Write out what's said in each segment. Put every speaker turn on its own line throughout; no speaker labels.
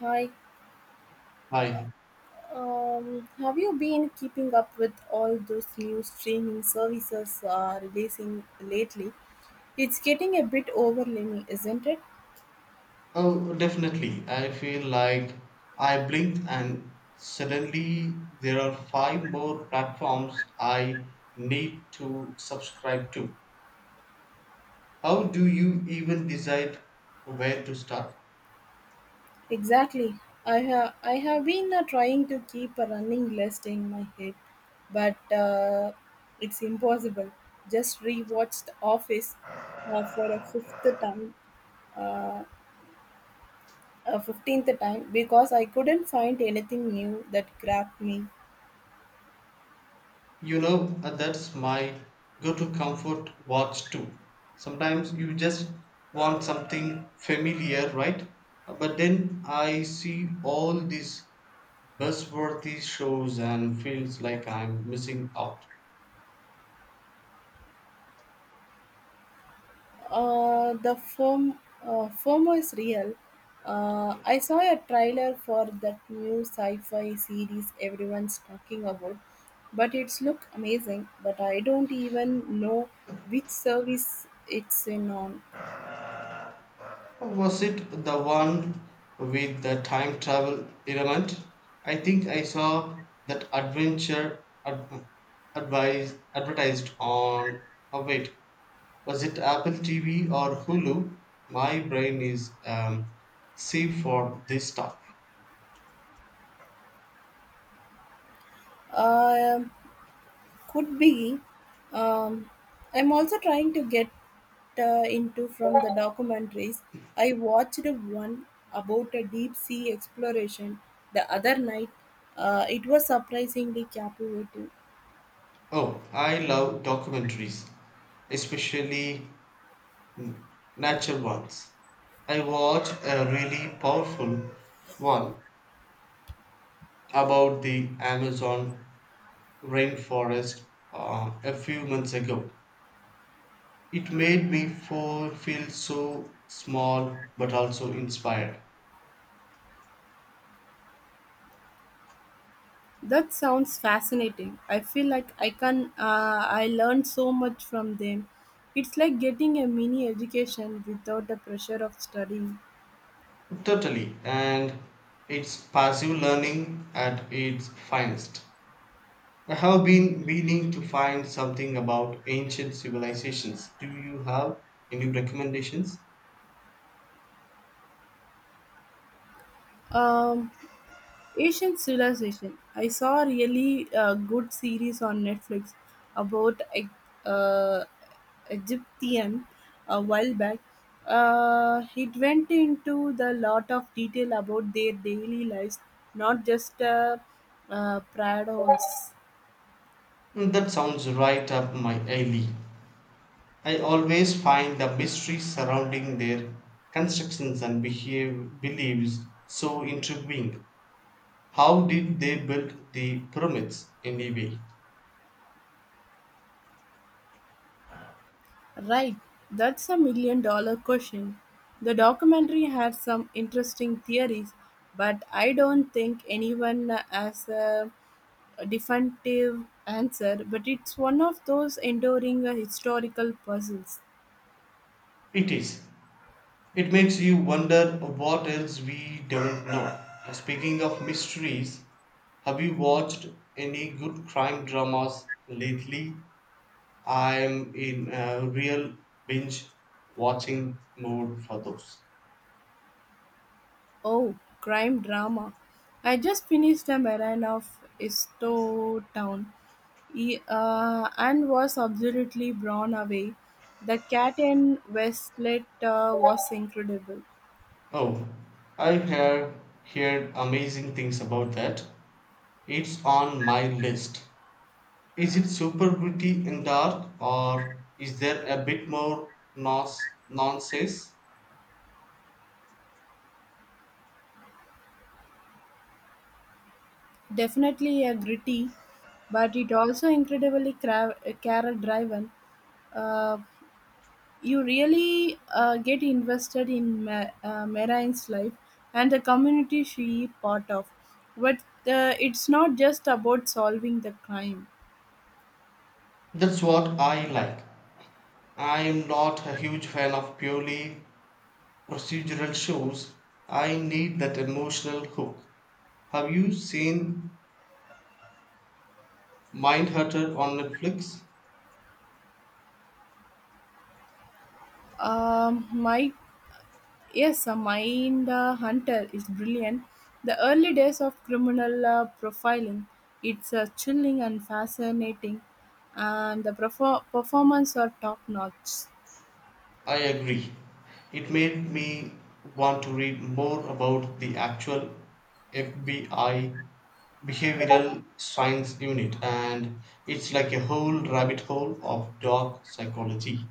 Hi,
Hi.
have you been keeping up with all those new streaming services releasing lately? It's getting a bit overwhelming, isn't it?
Oh, definitely. I feel like I blinked and suddenly there are five more platforms I need to subscribe to. How do you even decide where to start?
Exactly. I have been trying to keep a running list in my head, but it's impossible. Just rewatched Office for time, uh, a 15th time because I couldn't find anything new that grabbed me.
That's my go to comfort watch too. Sometimes you just want something familiar, right? But then I see all these buzzworthy shows and feels like I'm missing out.
Uh, the form, FOMO is real. I saw a trailer for that new sci-fi series everyone's talking about, but it's look amazing. But I don't even know which service it's in on.
Was it the one with the time travel element? I think I saw that advised, advertised on. Oh, wait. Was it Apple TV or Hulu? My brain is sieve for this stuff.
Um Could be. Um, I'm also trying to get into from the documentaries. I watched one about a deep sea exploration the other night. It was surprisingly captivating.
Oh, I love documentaries, especially natural ones. I watched a really powerful one about the Amazon rainforest a few months ago. It made me feel so small but also inspired.
That sounds fascinating. I feel like I learned so much from them. It's like getting a mini education without the pressure of studying.
Totally, and it's passive learning at its finest. I have been meaning to find something about ancient civilizations. Do you have any recommendations?
Um, Asian civilization. I saw a really good series on Netflix about uh, Egyptian a while back. It went into the lot of detail about their daily lives, not just prados.
That sounds right up my alley. I always find the mystery surrounding their constructions and beliefs so intriguing. How did they build the pyramids anyway?
Right, that's a million dollar question. The documentary had some interesting theories, but I don't think anyone has. Definitive answer, but it's one of those enduring historical puzzles.
It is. It makes you wonder what else we don't know. Speaking of mysteries, have you watched any good crime dramas lately? I'm in a real binge watching mode for those.
Oh, crime drama. I just finished a marathon of Isto Town and was absolutely blown away. The cat and Westlet was incredible.
Oh, I have heard amazing things about that. It's on my list. Is it super gritty and dark, or is there a bit more nonsense?
Definitely a gritty, but it also incredibly character driven. Uh, You really get invested in Marine's life and the community she is part of. But it's not just about solving the crime.
That's what I like. I am not a huge fan of purely procedural shows. I need that emotional hook. Have you seen Mindhunter on Netflix?
My Yes, Mind Hunter is brilliant. The early days of criminal profiling, it's chilling and fascinating, and the performance are top notch.
I agree. It made me want to read more about the actual FBI Behavioral Science Unit, and it's like a whole rabbit hole of dark psychology.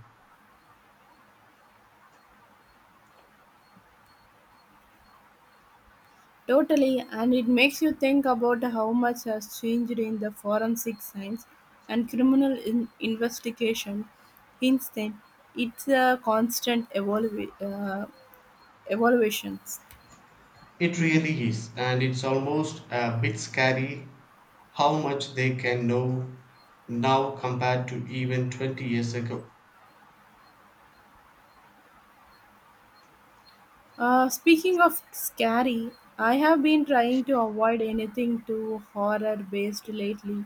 Totally, and it makes you think about how much has changed in the forensic science and criminal investigation. Instead, it's a constant evaluations.
It really is, and it's almost a bit scary how much they can know now compared to even 20 years ago.
Speaking of scary, I have been trying to avoid anything too horror based lately.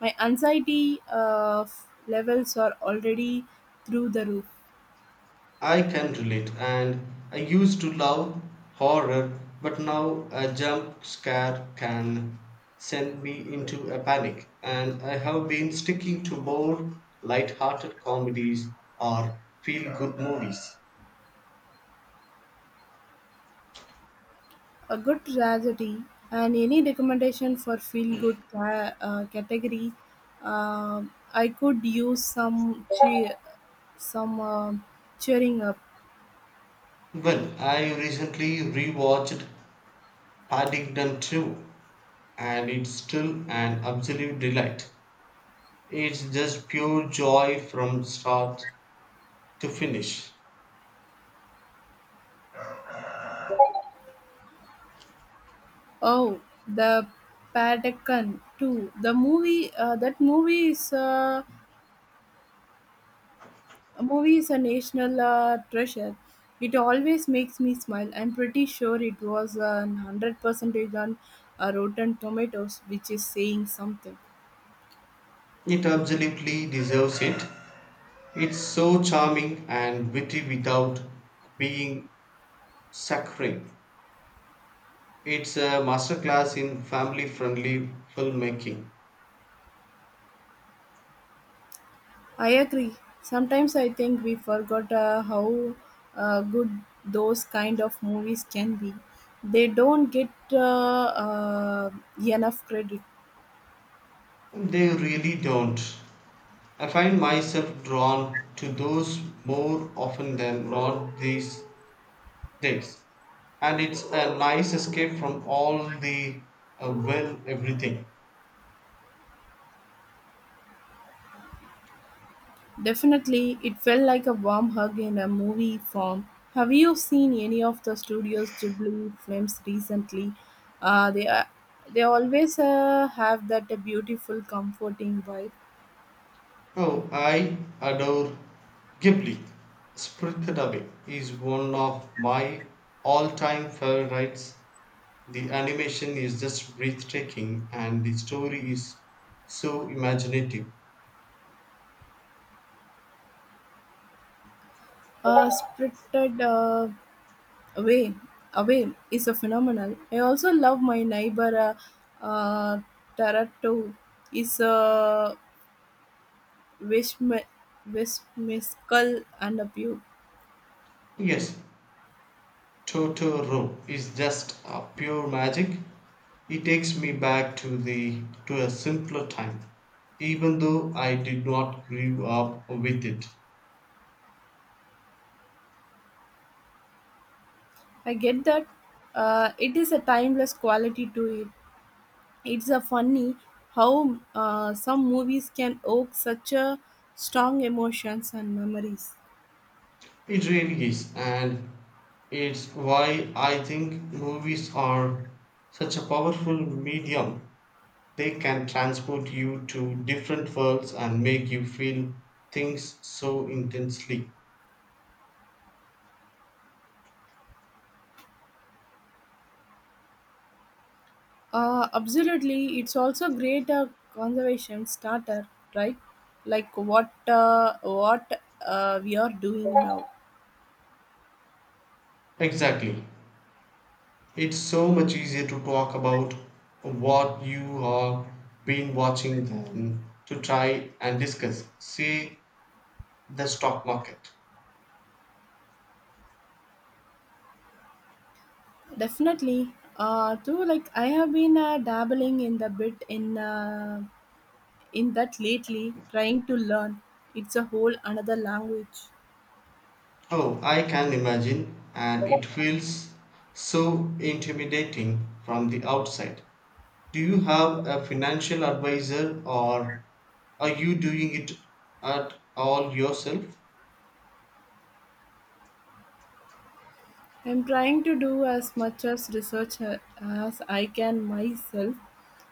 My anxiety levels are already through the roof.
I can relate, and I used to love horror, but now a jump scare can send me into a panic. And I have been sticking to more light-hearted comedies or feel-good movies.
A good tragedy and any recommendation for feel good category. Um I could use some cheer, some cheering up.
Well, I recently rewatched Paddington 2, and it's still an absolute delight. It's just pure joy from start to finish.
Oh, the Patagon too. The movie that movie is A movie is a national treasure. It always makes me smile. I'm pretty sure it was 100 percentage on Rotten Tomatoes, which is saying something.
It absolutely deserves it. It's so charming and witty without being saccharine. It's a masterclass in family friendly filmmaking.
I agree. Sometimes I think we forgot how good those kind of movies can be. They don't get enough credit.
They really don't. I find myself drawn to those more often than not these days. And it's a nice escape from all the well, everything.
Definitely, it felt like a warm hug in a movie form. Have you seen any of the studio's Ghibli films recently? Uh, they are, they always have that beautiful, comforting vibe.
Oh, I adore Ghibli. Spirited Away is one of my all-time favorites. The animation is just breathtaking and the story is so imaginative.
Spirited away away is a phenomenal. I also love my neighbor uh Tarato is a whimsical and a pew.
Yes, Totoro is just a pure magic. It takes me back to the to a simpler time, even though I did not grow up with it.
I get that, it is a timeless quality to it. It's a funny how some movies can evoke such a strong emotions and memories.
It really is, and it's why I think movies are such a powerful medium. They can transport you to different worlds and make you feel things so intensely.
Absolutely. It's also a great conservation starter, right? Like what we are doing now.
Exactly. It's so much easier to talk about what you have been watching than to try and discuss, say, the stock market.
Definitely. Too. Like I have been dabbling in the bit in that lately, trying to learn. It's a whole another language.
Oh, I can imagine, and it feels so intimidating from the outside. Do you have a financial advisor or are you doing it at all yourself?
I'm trying to do as much as research as I can myself,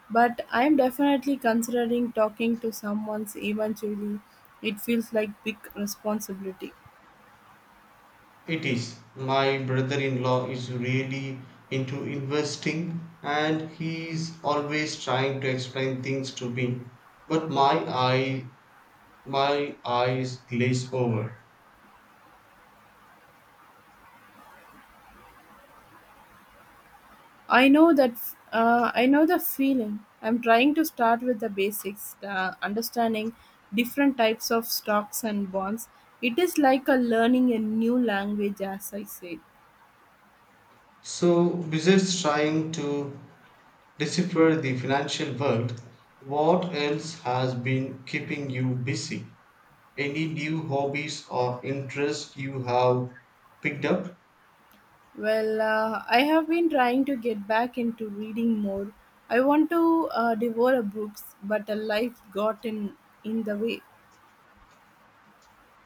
but I'm definitely considering talking to someone eventually. It feels like big responsibility.
It is. My brother in law is really into investing and he is always trying to explain things to me. But my eyes glaze over.
I know the feeling. I'm trying to start with the basics, understanding different types of stocks and bonds. It is like a learning a new language, as I said.
So besides trying to decipher the financial world, what else has been keeping you busy? Any new hobbies or interests you have picked up?
Well, I have been trying to get back into reading more. I want to devour a books, but a life got in the way.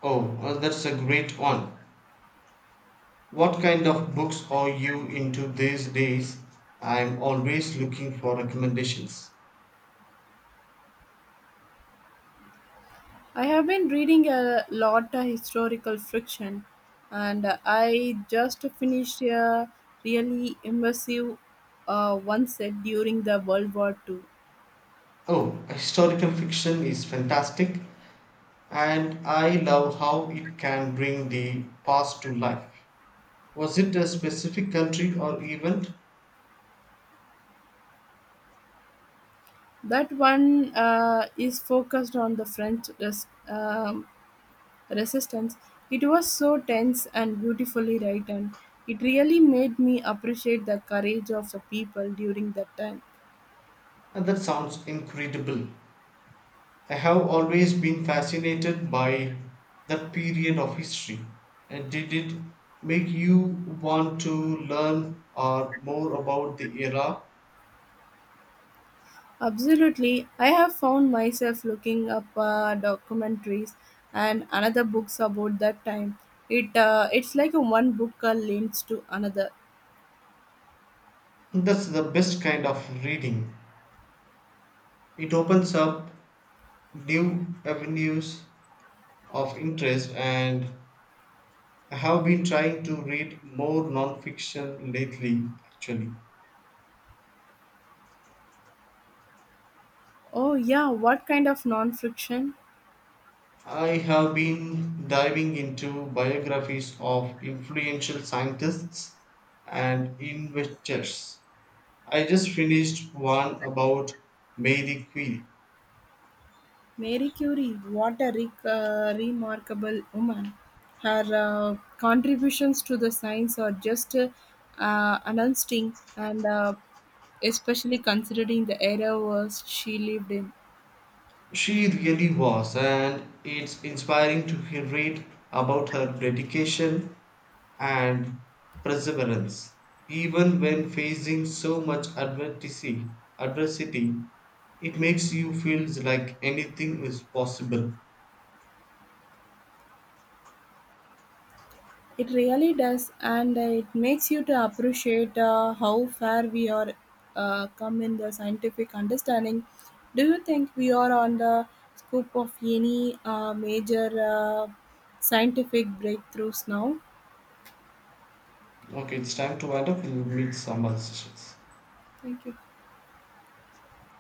Oh, that's a great one. What kind of books are you into these days? I'm always looking for recommendations.
I have been reading a lot of historical fiction, and I just finished a really immersive one set during the World War II.
Oh, historical fiction is fantastic, and I love how it can bring the past to life. Was it a specific country or event?
That one is focused on the French Resistance. It was so tense and beautifully written. It really made me appreciate the courage of the people during that time.
And that sounds incredible. I have always been fascinated by that period of history. And did it make you want to learn or more about the era?
Absolutely. I have found myself looking up documentaries and another books about that time. It's like a one book leads to another.
That's the best kind of reading. It opens up new avenues of interest, and I have been trying to read more non-fiction lately actually.
Oh yeah, what kind of non-fiction?
I have been diving into biographies of influential scientists and inventors. I just finished one about Mary Curie.
Marie Curie, what a remarkable woman. Her contributions to the science are just unsting and especially considering the era was she lived in.
She really was, and it's inspiring to read about her dedication and perseverance. Even when facing so much adversity, it makes you feel like anything is possible.
It really does, and it makes you to appreciate how far we are come in the scientific understanding. Do you think we are on the scope of any major scientific breakthroughs now?
Okay, it's time to wind up. We'll meet some other sessions.
Thank you.